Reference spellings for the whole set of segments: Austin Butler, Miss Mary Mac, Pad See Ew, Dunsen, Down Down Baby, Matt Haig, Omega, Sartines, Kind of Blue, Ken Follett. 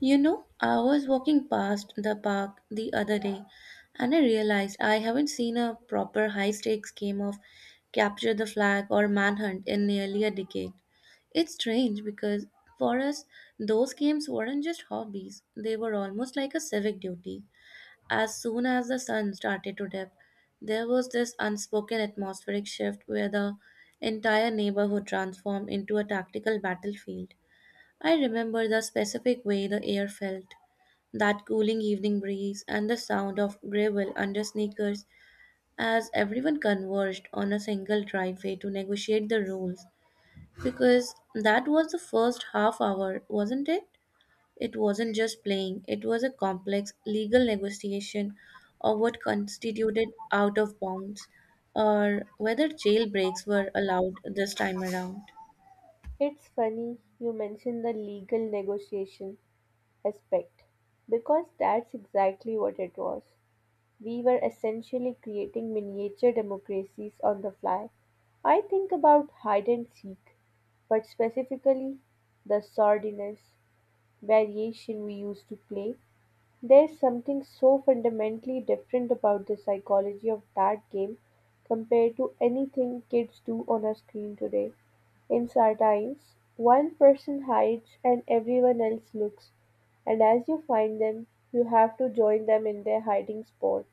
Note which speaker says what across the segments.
Speaker 1: You know, I was walking past the park the other day and I realized I haven't seen a proper high stakes game of capture the flag or manhunt in nearly a decade. It's strange because for us, those games weren't just hobbies, they were almost like a civic duty. As soon as the sun started to dip, there was this unspoken atmospheric shift where the entire neighborhood transformed into a tactical battlefield. I remember the specific way the air felt, that cooling evening breeze, and the sound of gravel under sneakers as everyone converged on a single driveway to negotiate the rules, because that was the first half hour, wasn't It wasn't just playing, it was a complex legal negotiation of what constituted out of bounds or whether jail breaks were allowed this time around.
Speaker 2: It's funny you mention the legal negotiation aspect because that's exactly what it was. We were essentially creating miniature democracies on the fly. I think about hide and seek, but specifically the sordidness variation we used to play, there's something so fundamentally different about the psychology of that game compared to anything kids do on a screen today. In Sartines, one person hides and everyone else looks, and as you find them, you have to join them in their hiding spot.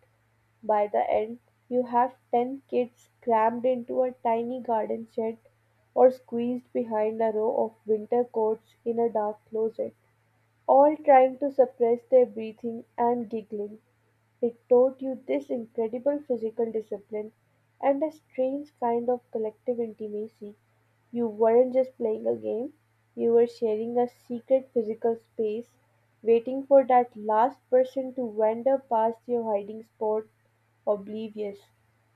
Speaker 2: By the end, you have 10 kids crammed into a tiny garden shed or squeezed behind a row of winter coats in a dark closet, all trying to suppress their breathing and giggling. It taught you this incredible physical discipline and a strange kind of collective intimacy. You weren't just playing a game, you were sharing a secret physical space, waiting for that last person to wander past your hiding spot oblivious.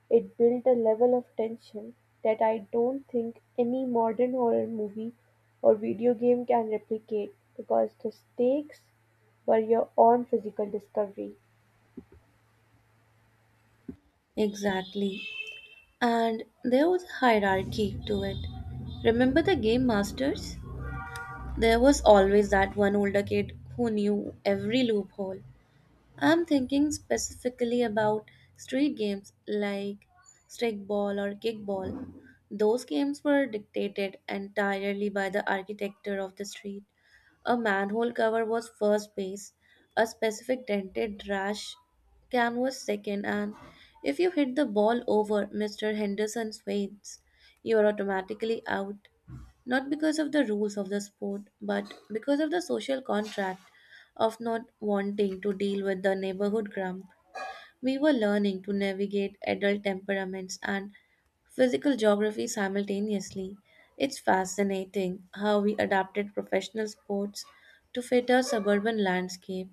Speaker 2: It built a level of tension that I don't think any modern horror movie or video game can replicate, because the stakes were your own physical discovery.
Speaker 1: Exactly. And there was a hierarchy to it. Remember the game masters? There was always that one older kid who knew every loophole. I'm thinking specifically about street games like stickball or kickball. Those games were dictated entirely by the architecture of the street. A manhole cover was first base, a specific dented rash can was second, and if you hit the ball over Mr. Henderson's weights, you are automatically out. Not because of the rules of the sport, but because of the social contract of not wanting to deal with the neighborhood grump. We were learning to navigate adult temperaments and physical geography simultaneously. It's fascinating how we adapted professional sports to fit our suburban landscape.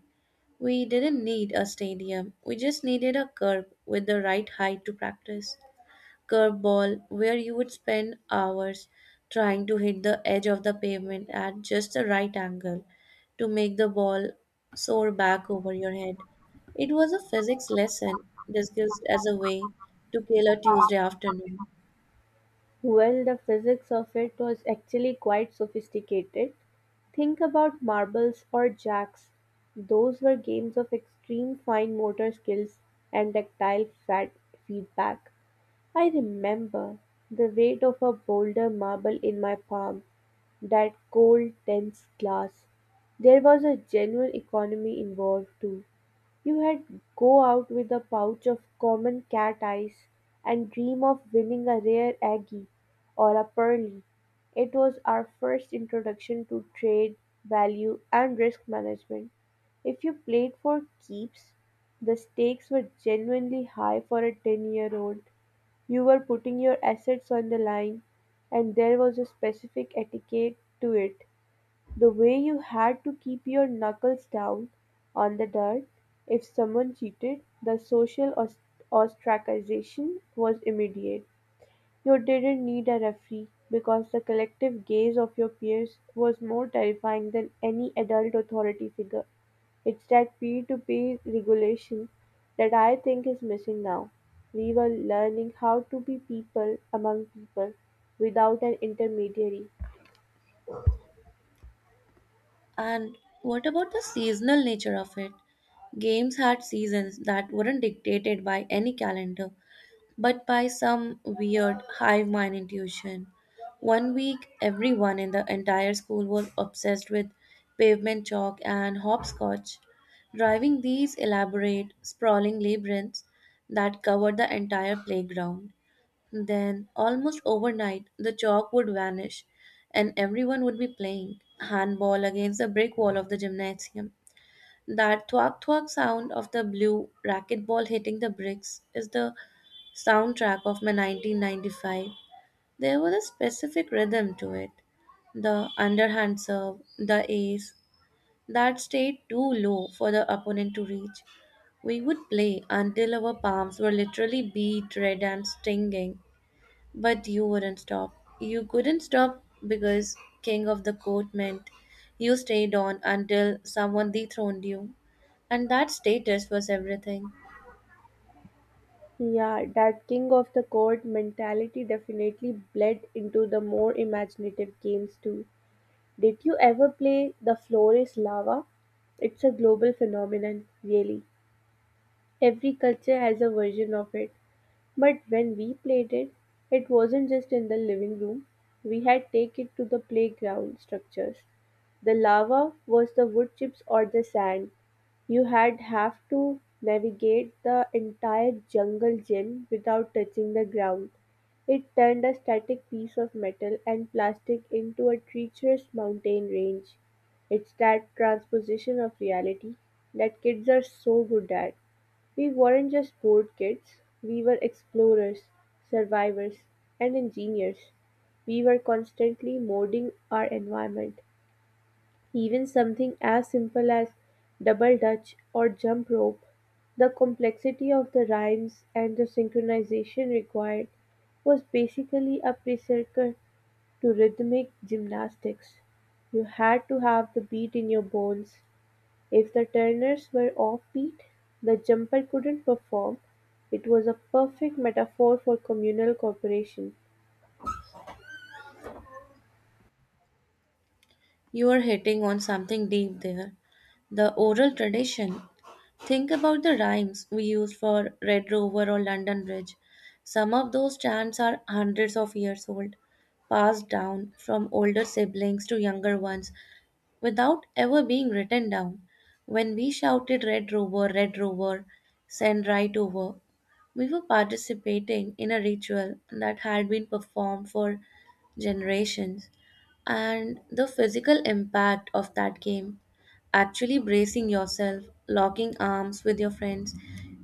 Speaker 1: We didn't need a stadium, we just needed a curb with the right height to practice. Curveball, where you would spend hours trying to hit the edge of the pavement at just the right angle to make the ball soar back over your head. It was a physics lesson discussed as a way to kill a Tuesday afternoon.
Speaker 2: Well, the physics of it was actually quite sophisticated. Think about marbles or jacks. Those were games of extreme fine motor skills and tactile fat feedback. I remember the weight of a boulder marble in my palm, that cold, tense glass. There was a genuine economy involved too. You had go out with a pouch of common cat eyes and dream of winning a rare Aggie or a pearly. It was our first introduction to trade, value, and risk management. If you played for keeps, the stakes were genuinely high for a 10-year-old. You were putting your assets on the line, and there was a specific etiquette to it. The way you had to keep your knuckles down on the dirt, if someone cheated, the social ostracization was immediate. You didn't need a referee because the collective gaze of your peers was more terrifying than any adult authority figure. It's that peer to peer regulation that I think is missing now. We were learning how to be people among people without an intermediary.
Speaker 1: And what about the seasonal nature of it? Games had seasons that weren't dictated by any calendar, but by some weird hive mind intuition. One week, everyone in the entire school was obsessed with pavement chalk and hopscotch, driving these elaborate, sprawling labyrinths that covered the entire playground. Then, almost overnight, the chalk would vanish and everyone would be playing handball against the brick wall of the gymnasium. That thwack thwack sound of the blue racquetball hitting the bricks is the soundtrack of my 1995. There was a specific rhythm to it, the underhand serve, the ace that stayed too low for the opponent to reach. We would play until our palms were literally beat red and stinging, but you wouldn't stop. You couldn't stop because king of the court meant you stayed on until someone dethroned you. And that status was everything.
Speaker 2: Yeah, that king of the court mentality definitely bled into the more imaginative games too. Did you ever play The Floor is Lava? It's a global phenomenon, really. Every culture has a version of it. But when we played it, it wasn't just in the living room. We had take it to the playground structures. The lava was the wood chips or the sand, you had have to navigate the entire jungle gym without touching the ground. It turned a static piece of metal and plastic into a treacherous mountain range. It's that transposition of reality that kids are so good at. We weren't just bored kids, we were explorers, survivors, and engineers. We were constantly molding our environment. Even something as simple as double dutch or jump rope, the complexity of the rhymes and the synchronization required was basically a precursor to rhythmic gymnastics. You had to have the beat in your bones. If the turners were off beat, the jumper couldn't perform. It was a perfect metaphor for communal cooperation.
Speaker 1: You are hitting on something deep there. The oral tradition. Think about the rhymes we use for Red Rover or London Bridge. Some of those chants are hundreds of years old, passed down from older siblings to younger ones without ever being written down. When we shouted Red Rover, Red Rover, send right over, we were participating in a ritual that had been performed for generations. And the physical impact of that game, actually bracing yourself, locking arms with your friends,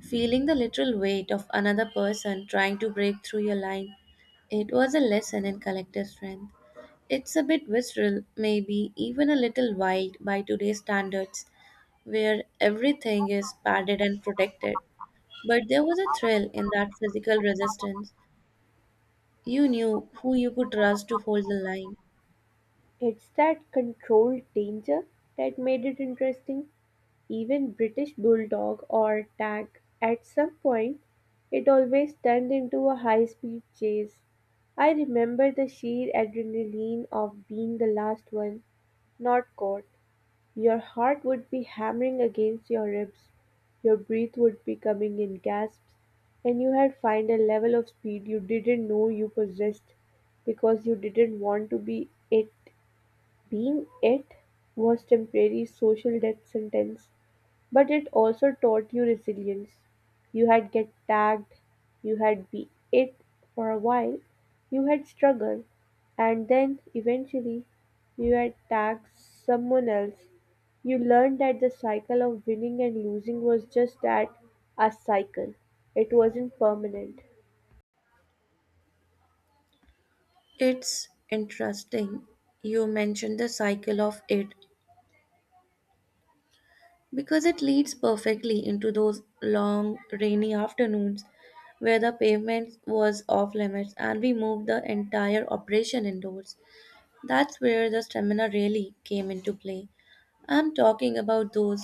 Speaker 1: feeling the literal weight of another person trying to break through your line, it was a lesson in collective strength. It's a bit visceral, maybe even a little wild by today's standards, where everything is padded and protected. But there was a thrill in that physical resistance. You knew who you could trust to hold the line.
Speaker 2: It's that controlled danger that made it interesting. Even British Bulldog or Tag, at some point it always turned into a high-speed chase. I remember the sheer adrenaline of being the last one, not caught. Your heart would be hammering against your ribs, your breath would be coming in gasps, and you had found a level of speed you didn't know you possessed because you didn't want to be it. Being it was temporary social death sentence. But it also taught you resilience. You had get tagged, you had be it for a while, you had struggled, and then eventually you had tagged someone else. You learned that the cycle of winning and losing was just that, a cycle. It wasn't permanent.
Speaker 1: It's interesting you mentioned the cycle of it because it leads perfectly into those long rainy afternoons where the pavement was off limits and we moved the entire operation indoors. That's where the stamina really came into play. I'm talking about those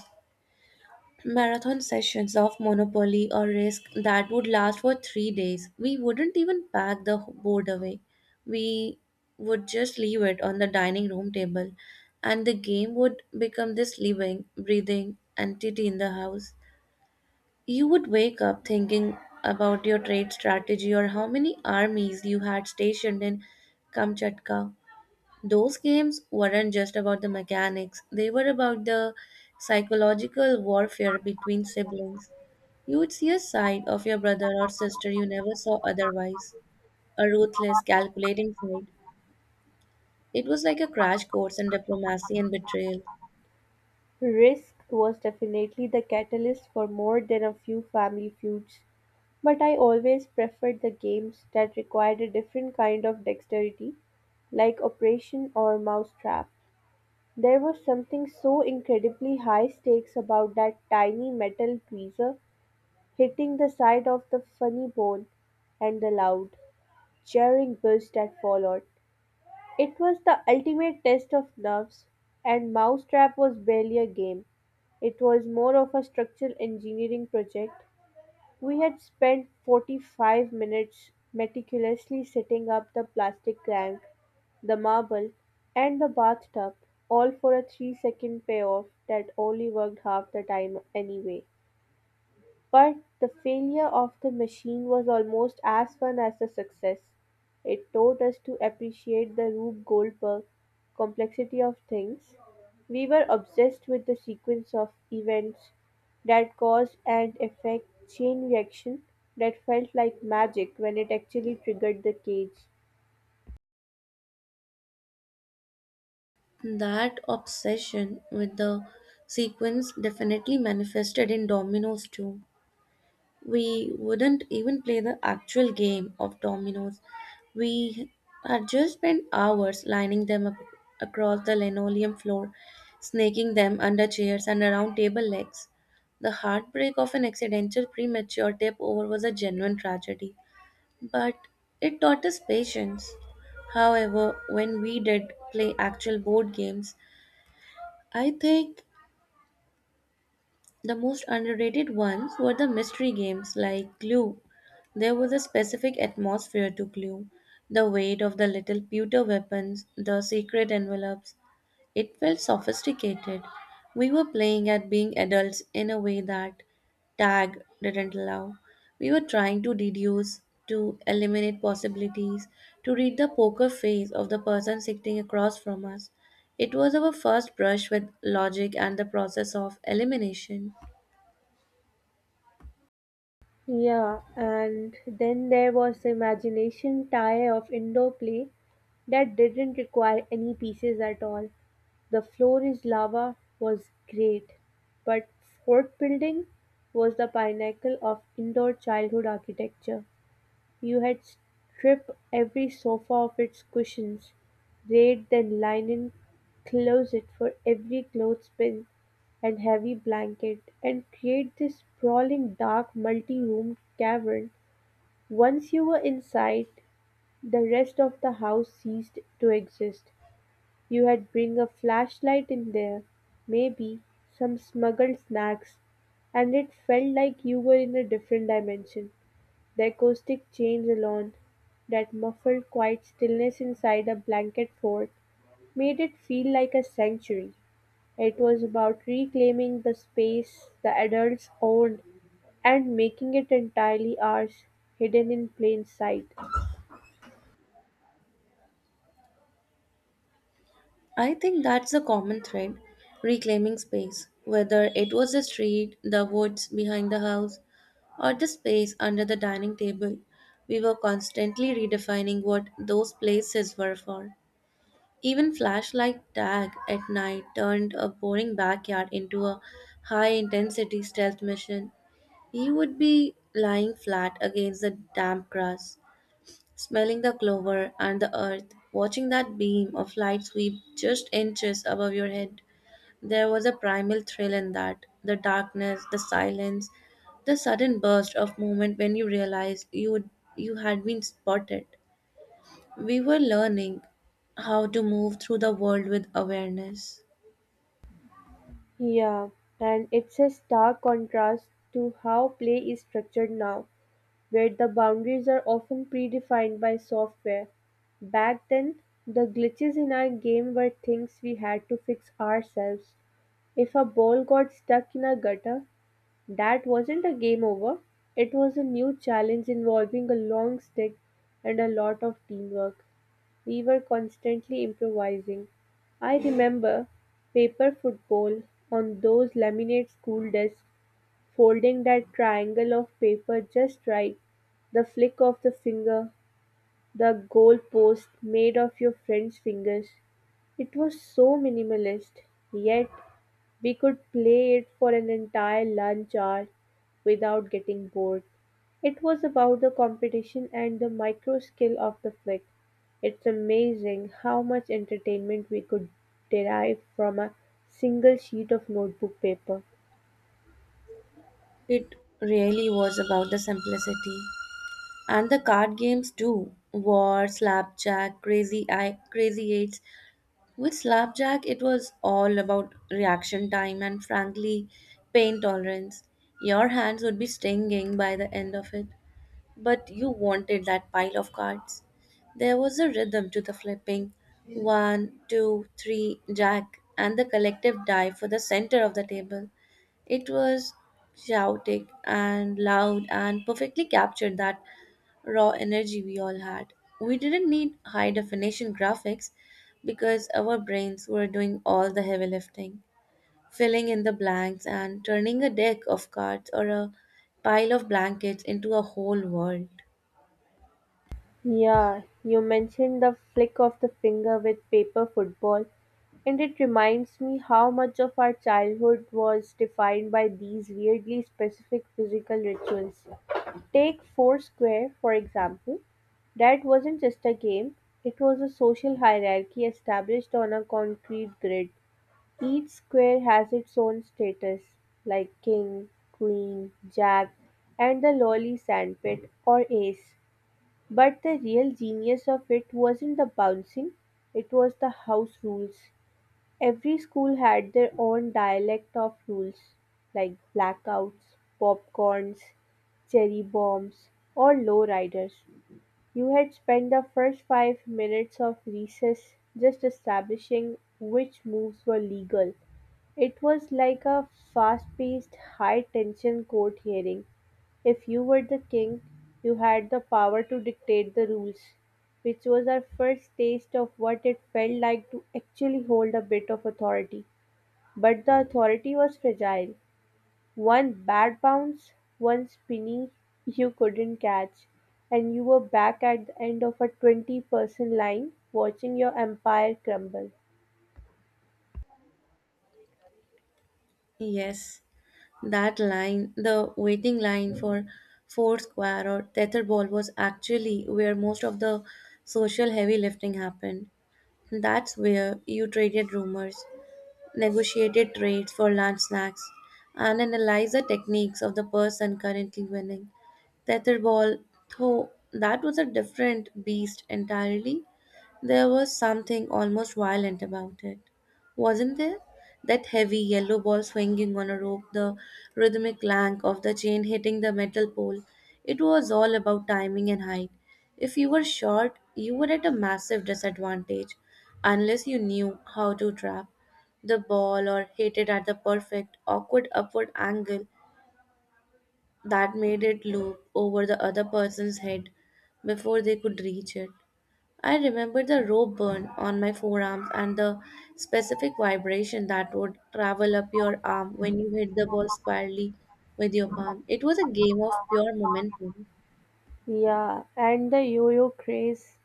Speaker 1: marathon sessions of Monopoly or Risk that would last for 3 days. We wouldn't even pack the board away. We would just leave it on the dining room table, and the game would become this living, breathing entity in the house. You would wake up thinking about your trade strategy or how many armies you had stationed in Kamchatka. Those games weren't just about the mechanics, they were about the psychological warfare between siblings. You would see a side of your brother or sister you never saw otherwise, a ruthless, calculating side. It was like a crash course in diplomacy and betrayal.
Speaker 2: Risk was definitely the catalyst for more than a few family feuds, but I always preferred the games that required a different kind of dexterity, like Operation or Mousetrap. There was something so incredibly high stakes about that tiny metal tweezer hitting the side of the funny bone and the loud, jarring buzz that followed. It was the ultimate test of nerves, and Mousetrap was barely a game. It was more of a structural engineering project. We had spent 45 minutes meticulously setting up the plastic crank, the marble, and the bathtub, all for a 3-second payoff that only worked half the time anyway. But the failure of the machine was almost as fun as the success. It taught us to appreciate the Rube Goldberg complexity of things. We were obsessed with the sequence of events, that caused and effect chain reaction that felt like magic when it actually triggered the cage.
Speaker 1: That obsession with the sequence definitely manifested in dominoes too. We wouldn't even play the actual game of dominoes. We had just spent hours lining them up across the linoleum floor, snaking them under chairs and around table legs. The heartbreak of an accidental premature tip over was a genuine tragedy, but it taught us patience. However, when we did play actual board games, I think the most underrated ones were the mystery games like Clue. There was a specific atmosphere to Clue. The weight of the little pewter weapons, the secret envelopes, it felt sophisticated. We were playing at being adults in a way that tag didn't allow. We were trying to deduce, to eliminate possibilities, to read the poker face of the person sitting across from us. It was our first brush with logic and the process of elimination.
Speaker 2: Yeah, and then there was the imagination tie of indoor play that didn't require any pieces at all. The floor is lava was great, but fort building was the pinnacle of indoor childhood architecture. You had strip every sofa of its cushions, raid the linen closet for every clothespin and heavy blanket, and create this sprawling dark multi-roomed cavern. Once you were inside, the rest of the house ceased to exist. You had bring a flashlight in there, maybe some smuggled snacks, and it felt like you were in a different dimension. The acoustic change alone, that muffled quiet stillness inside a blanket fort, made it feel like a sanctuary. It was about reclaiming the space the adults owned and making it entirely ours, hidden in plain sight.
Speaker 1: I think that's a common thread, reclaiming space, whether it was the street, the woods behind the house, or the space under the dining table. We were constantly redefining what those places were for. Even flashlight tag at night turned a boring backyard into a high intensity stealth mission. He would be lying flat against the damp grass, smelling the clover and the earth, watching that beam of light sweep just inches above your head. There was a primal thrill in that, the darkness, the silence, the sudden burst of movement when you realized you had been spotted. We were learning how to move through the world with awareness.
Speaker 2: Yeah, and it's a stark contrast to how play is structured now, where the boundaries are often predefined by software. Back then, the glitches in our game were things we had to fix ourselves. If a ball got stuck in a gutter, that wasn't a game over. It was a new challenge involving a long stick and a lot of teamwork. We were constantly improvising. I remember paper football on those laminate school desks. Folding that triangle of paper just right, the flick of the finger, the goalpost made of your friend's fingers. It was so minimalist, yet we could play it for an entire lunch hour without getting bored. It was about the competition and the micro skill of the flick. It's amazing how much entertainment we could derive from a single sheet of notebook paper.
Speaker 1: It really was about the simplicity. And the card games too. War, slapjack, crazy eye, crazy eight. With Slapjack, it was all about reaction time and frankly, pain tolerance. Your hands would be stinging by the end of it, but you wanted that pile of cards. There was a rhythm to the flipping, one, 2, three, jack, and the collective dive for the center of the table. It was chaotic and loud and perfectly captured that raw energy we all had. We didn't need high definition graphics because our brains were doing all the heavy lifting, filling in the blanks and turning a deck of cards or a pile of blankets into a whole world.
Speaker 2: Yeah, you mentioned the flick of the finger with paper football, and it reminds me how much of our childhood was defined by these weirdly specific physical rituals. Take Foursquare, for example. That wasn't just a game, it was a social hierarchy established on a concrete grid. Each square has its own status, like king, queen, jack, and the lowly sandpit or ace. But the real genius of it wasn't the bouncing, it was the house rules. Every school had their own dialect of rules, like blackouts, popcorns, cherry bombs, or lowriders. You had spent the first 5 minutes of recess just establishing which moves were legal. It was like a fast paced, high tension court hearing. If you were the king, you had the power to dictate the rules, which was our first taste of what it felt like to actually hold a bit of authority. But the authority was fragile. One bad bounce, one spinny you couldn't catch, and you were back at the end of a 20-person line watching your empire crumble.
Speaker 1: Yes, that line, the waiting line for Foursquare or Tetherball, was actually where most of the social heavy lifting happened. That's where you traded rumors, negotiated trades for lunch snacks, and analyzed the techniques of the person currently winning. Tetherball, though, that was a different beast entirely. There was something almost violent about it, wasn't there? That heavy yellow ball swinging on a rope, the rhythmic clank of the chain hitting the metal pole. It was all about timing and height. If you were short, you were at a massive disadvantage unless you knew how to trap the ball or hit it at the perfect, awkward upward angle that made it loop over the other person's head before they could reach it. I remember the rope burn on my forearms and the specific vibration that would travel up your arm when you hit the ball squarely with your palm. It was a game of pure momentum.
Speaker 2: Yeah, and the yo yo craze.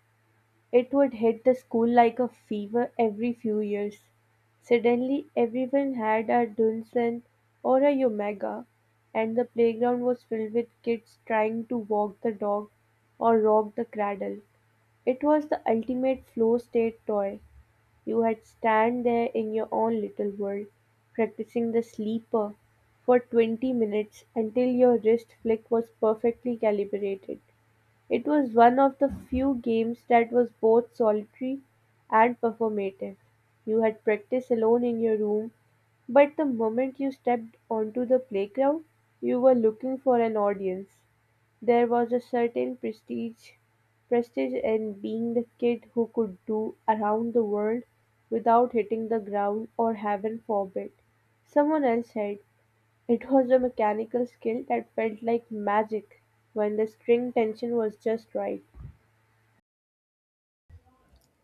Speaker 2: It would hit the school like a fever every few years. Suddenly everyone had a Dunsen or a Omega, and the playground was filled with kids trying to walk the dog or rock the cradle. It was the ultimate flow state toy. You had stand there in your own little world, practicing the sleeper for 20 minutes until your wrist flick was perfectly calibrated. It was one of the few games that was both solitary and performative. You had practice alone in your room, but the moment you stepped onto the playground, you were looking for an audience. There was a certain prestige in being the kid who could do around the world without hitting the ground, or heaven forbid someone else had it. Was a mechanical skill that felt like magic when the string tension was just right.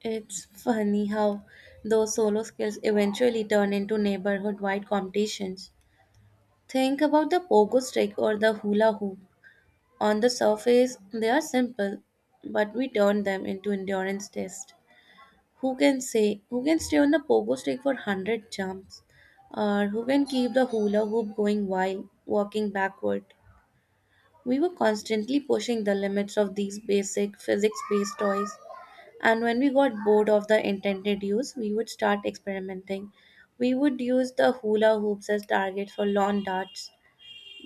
Speaker 1: It's funny how those solo skills eventually turn into neighborhood wide competitions. Think about the pogo stick or the hula hoop. On the surface, they are simple, but we turn them into endurance tests. Who can stay on the pogo stick for 100 jumps? Or who can keep the hula hoop going while walking backward? We were constantly pushing the limits of these basic physics based toys. And when we got bored of the intended use, we would start experimenting. We would use the hula hoops as targets for lawn darts,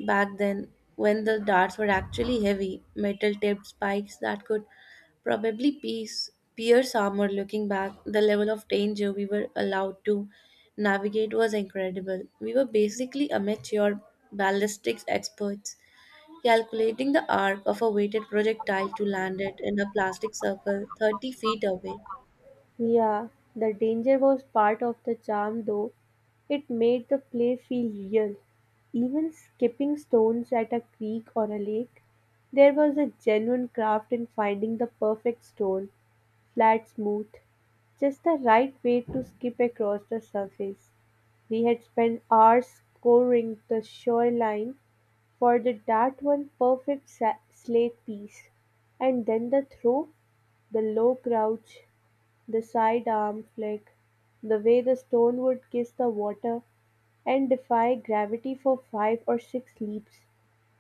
Speaker 1: back then, when the darts were actually heavy, metal tipped spikes that could probably pierce armor. Looking back, the level of danger we were allowed to navigate was incredible. We were basically amateur ballistics experts, calculating the arc of a weighted projectile to land it in a plastic circle 30 feet away.
Speaker 2: Yeah, the danger was part of the charm though. It made the play feel real. Even skipping stones at a creek or a lake, there was a genuine craft in finding the perfect stone, flat, smooth, just the right way to skip across the surface. We had spent hours scoring the shoreline for the that one perfect slate piece, and then the throw, the low crouch, the side arm flick, the way the stone would kiss the water and defy gravity for five or six leaps.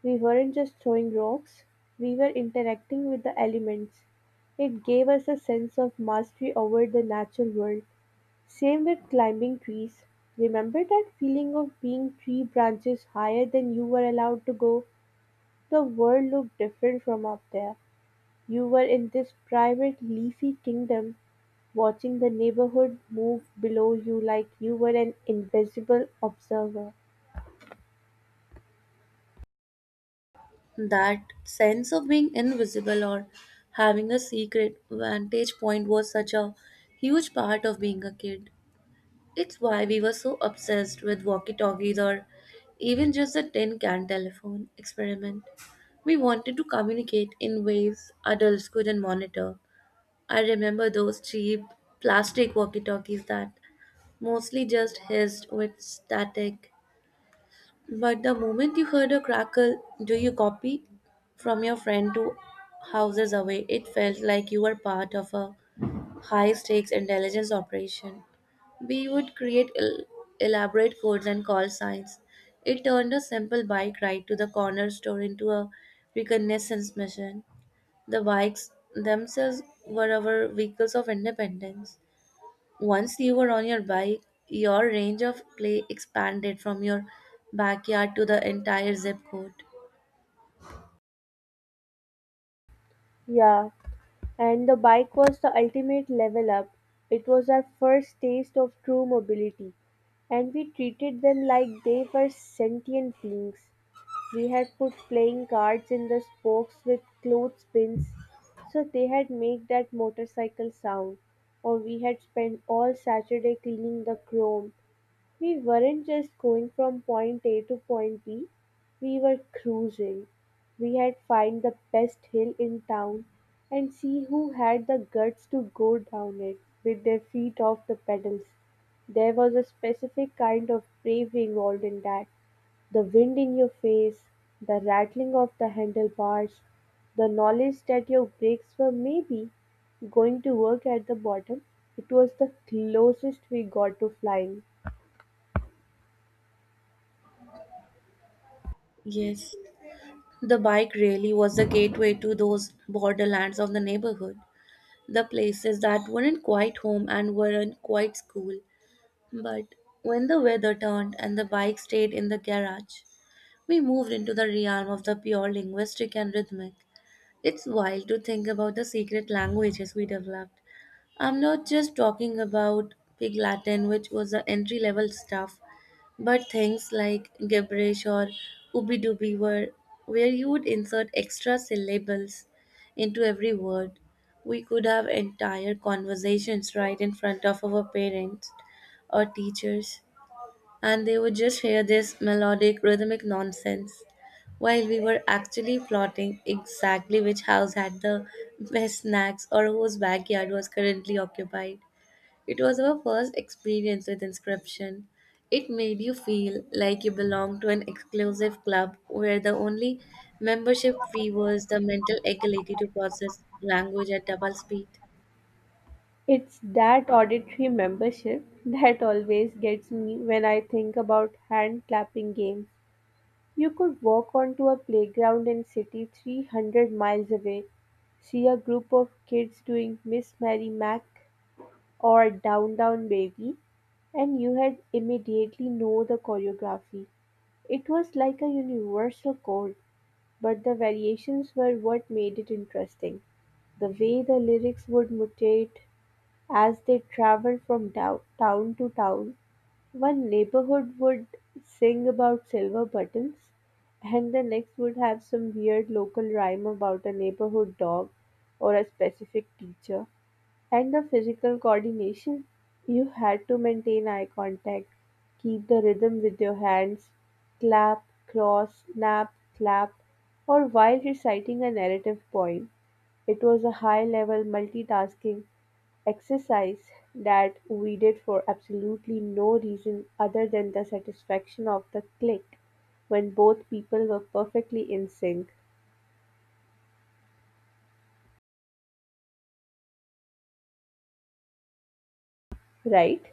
Speaker 2: We weren't just throwing rocks, we were interacting with the elements. It gave us a sense of mastery over the natural world. Same with climbing trees. Remember that feeling of being three branches higher than you were allowed to go? The world looked different from up there. You were in this private, leafy kingdom, watching the neighborhood move below you like you were an invisible observer.
Speaker 1: That sense of being invisible or having a secret vantage point was such a huge part of being a kid. It's why we were so obsessed with walkie talkies or even just the tin can telephone experiment. We wanted to communicate in ways adults couldn't monitor. I remember those cheap plastic walkie talkies that mostly just hissed with static. But the moment you heard a crackle, do you copy, from your friend to houses away, it felt like you were part of a high stakes intelligence operation. We would create elaborate codes and call signs. It turned a simple bike ride to the corner store into a reconnaissance mission. The bikes themselves were our vehicles of independence. Once you were on your bike, your range of play expanded from your backyard to the entire zip code.
Speaker 2: Yeah, and the bike was the ultimate level up. It was our first taste of true mobility, and we treated them like they were sentient beings. We had put playing cards in the spokes with clothespins so they had made that motorcycle sound, or we had spent all Saturday cleaning the chrome. We weren't just going from point A to point B, we were cruising. We had find the best hill in town and see who had the guts to go down it with their feet off the pedals. There was a specific kind of brave involved in that: the wind in your face, the rattling of the handlebars, the knowledge that your brakes were maybe going to work at the bottom. It was the closest we got to flying.
Speaker 1: Yes, the bike really was the gateway to those borderlands of the neighborhood, the places that weren't quite home and weren't quite school. But when the weather turned and the bike stayed in the garage, we moved into the realm of the pure linguistic and rhythmic. It's wild to think about the secret languages we developed. I'm not just talking about Pig Latin, which was the entry level stuff. But things like gibberish or ooby dooby were where you would insert extra syllables into every word. We could have entire conversations right in front of our parents or teachers, and they would just hear this melodic, rhythmic nonsense while we were actually plotting exactly which house had the best snacks or whose backyard was currently occupied. It was our first experience with inscription. It made you feel like you belonged to an exclusive club where the only membership fee was the mental ability to process language at double speed.
Speaker 2: It's that auditory membership that always gets me when I think about hand clapping games. You could walk onto a playground in city 300 miles away, see a group of kids doing Miss Mary Mac or Down Down Baby, and you had immediately know the choreography. It was like a universal chord, but the variations were what made it interesting. The way the lyrics would mutate as they traveled from town to town, one neighborhood would sing about silver buttons, and the next would have some weird local rhyme about a neighborhood dog or a specific teacher. And the physical coordination. You had to maintain eye contact, keep the rhythm with your hands, clap, cross, snap, clap, or while reciting a narrative poem. It was a high level multitasking exercise that we did for absolutely no reason other than the satisfaction of the click when both people were perfectly in sync, right?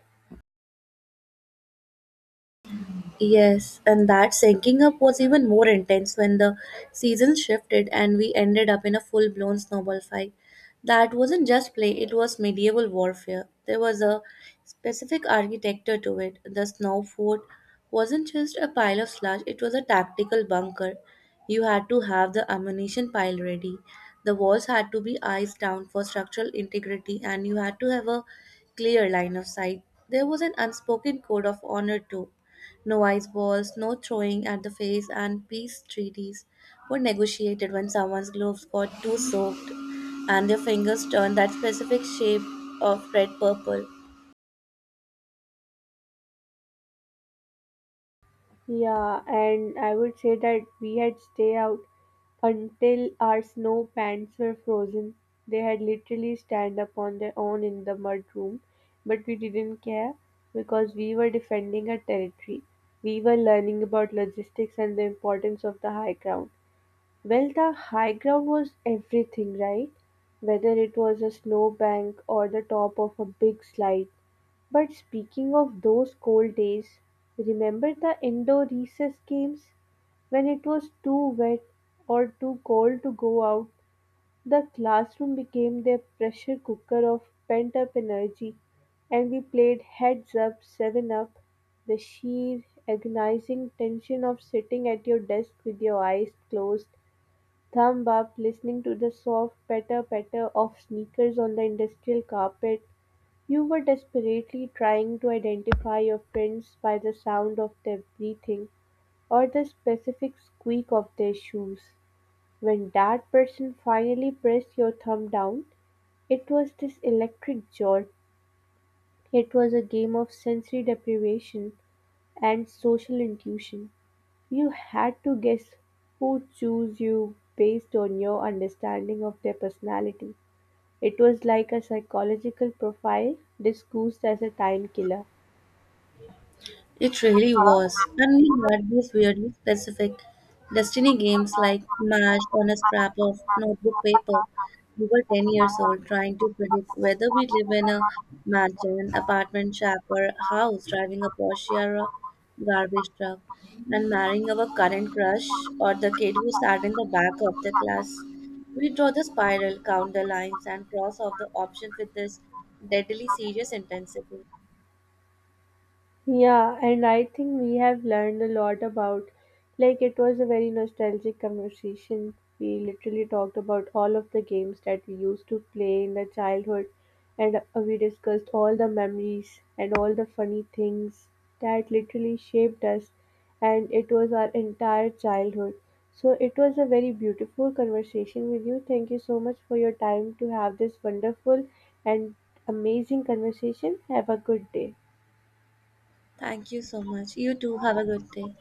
Speaker 1: Yes, and that sinking up was even more intense when the seasons shifted and we ended up in a full blown snowball fight. That wasn't just play, it was medieval warfare. There was a specific architecture to it. The snow fort wasn't just a pile of slush, it was a tactical bunker. You had to have the ammunition pile ready. The walls had to be iced down for structural integrity, and you had to have a clear line of sight. There was an unspoken code of honor too, no ice balls, no throwing at the face, and peace treaties were negotiated when someone's gloves got too soaked and their fingers turned that specific shape of red purple.
Speaker 2: Yeah, and I would say that we had stay out until our snow pants were frozen. They had literally stand up on their own in the mud room, but we didn't care because we were defending our territory. We were learning about logistics and the importance of the high ground. Well, the high ground was everything, right? Whether it was a snowbank or the top of a big slide. But speaking of those cold days, remember the indoor recess games? When it was too wet or too cold to go out, the classroom became their pressure cooker of pent up energy, and we played heads up, seven up. The sheer agonizing tension of sitting at your desk with your eyes closed, thumb up, listening to the soft patter patter of sneakers on the industrial carpet. You were desperately trying to identify your friends by the sound of their breathing or the specific squeak of their shoes. When that person finally pressed your thumb down, it was this electric jolt. It was a game of sensory deprivation and social intuition. You had to guess who chose you based on your understanding of their personality. It was like a psychological profile disguised as a time killer.
Speaker 1: It really was. And we had these weirdly specific destiny games like Mash on a scrap of notebook paper. We were 10 years old trying to predict whether we live in a mansion, apartment, shack, or house, driving a Porsche or a garbage truck, and marrying our current crush or the kid who sat in the back of the class. We draw the spiral, count the lines, and cross off the option with this deadly serious intensity.
Speaker 2: Yeah, and I think we have learned a lot about, like, it was a very nostalgic conversation. We literally talked about all of the games that we used to play in the childhood, and we discussed all the memories and all the funny things that literally shaped us, and it was our entire childhood. So, it was a very beautiful conversation with you. Thank you so much for your time to have this wonderful and amazing conversation. Have a good day.
Speaker 1: Thank you so much. You too. Have a good day.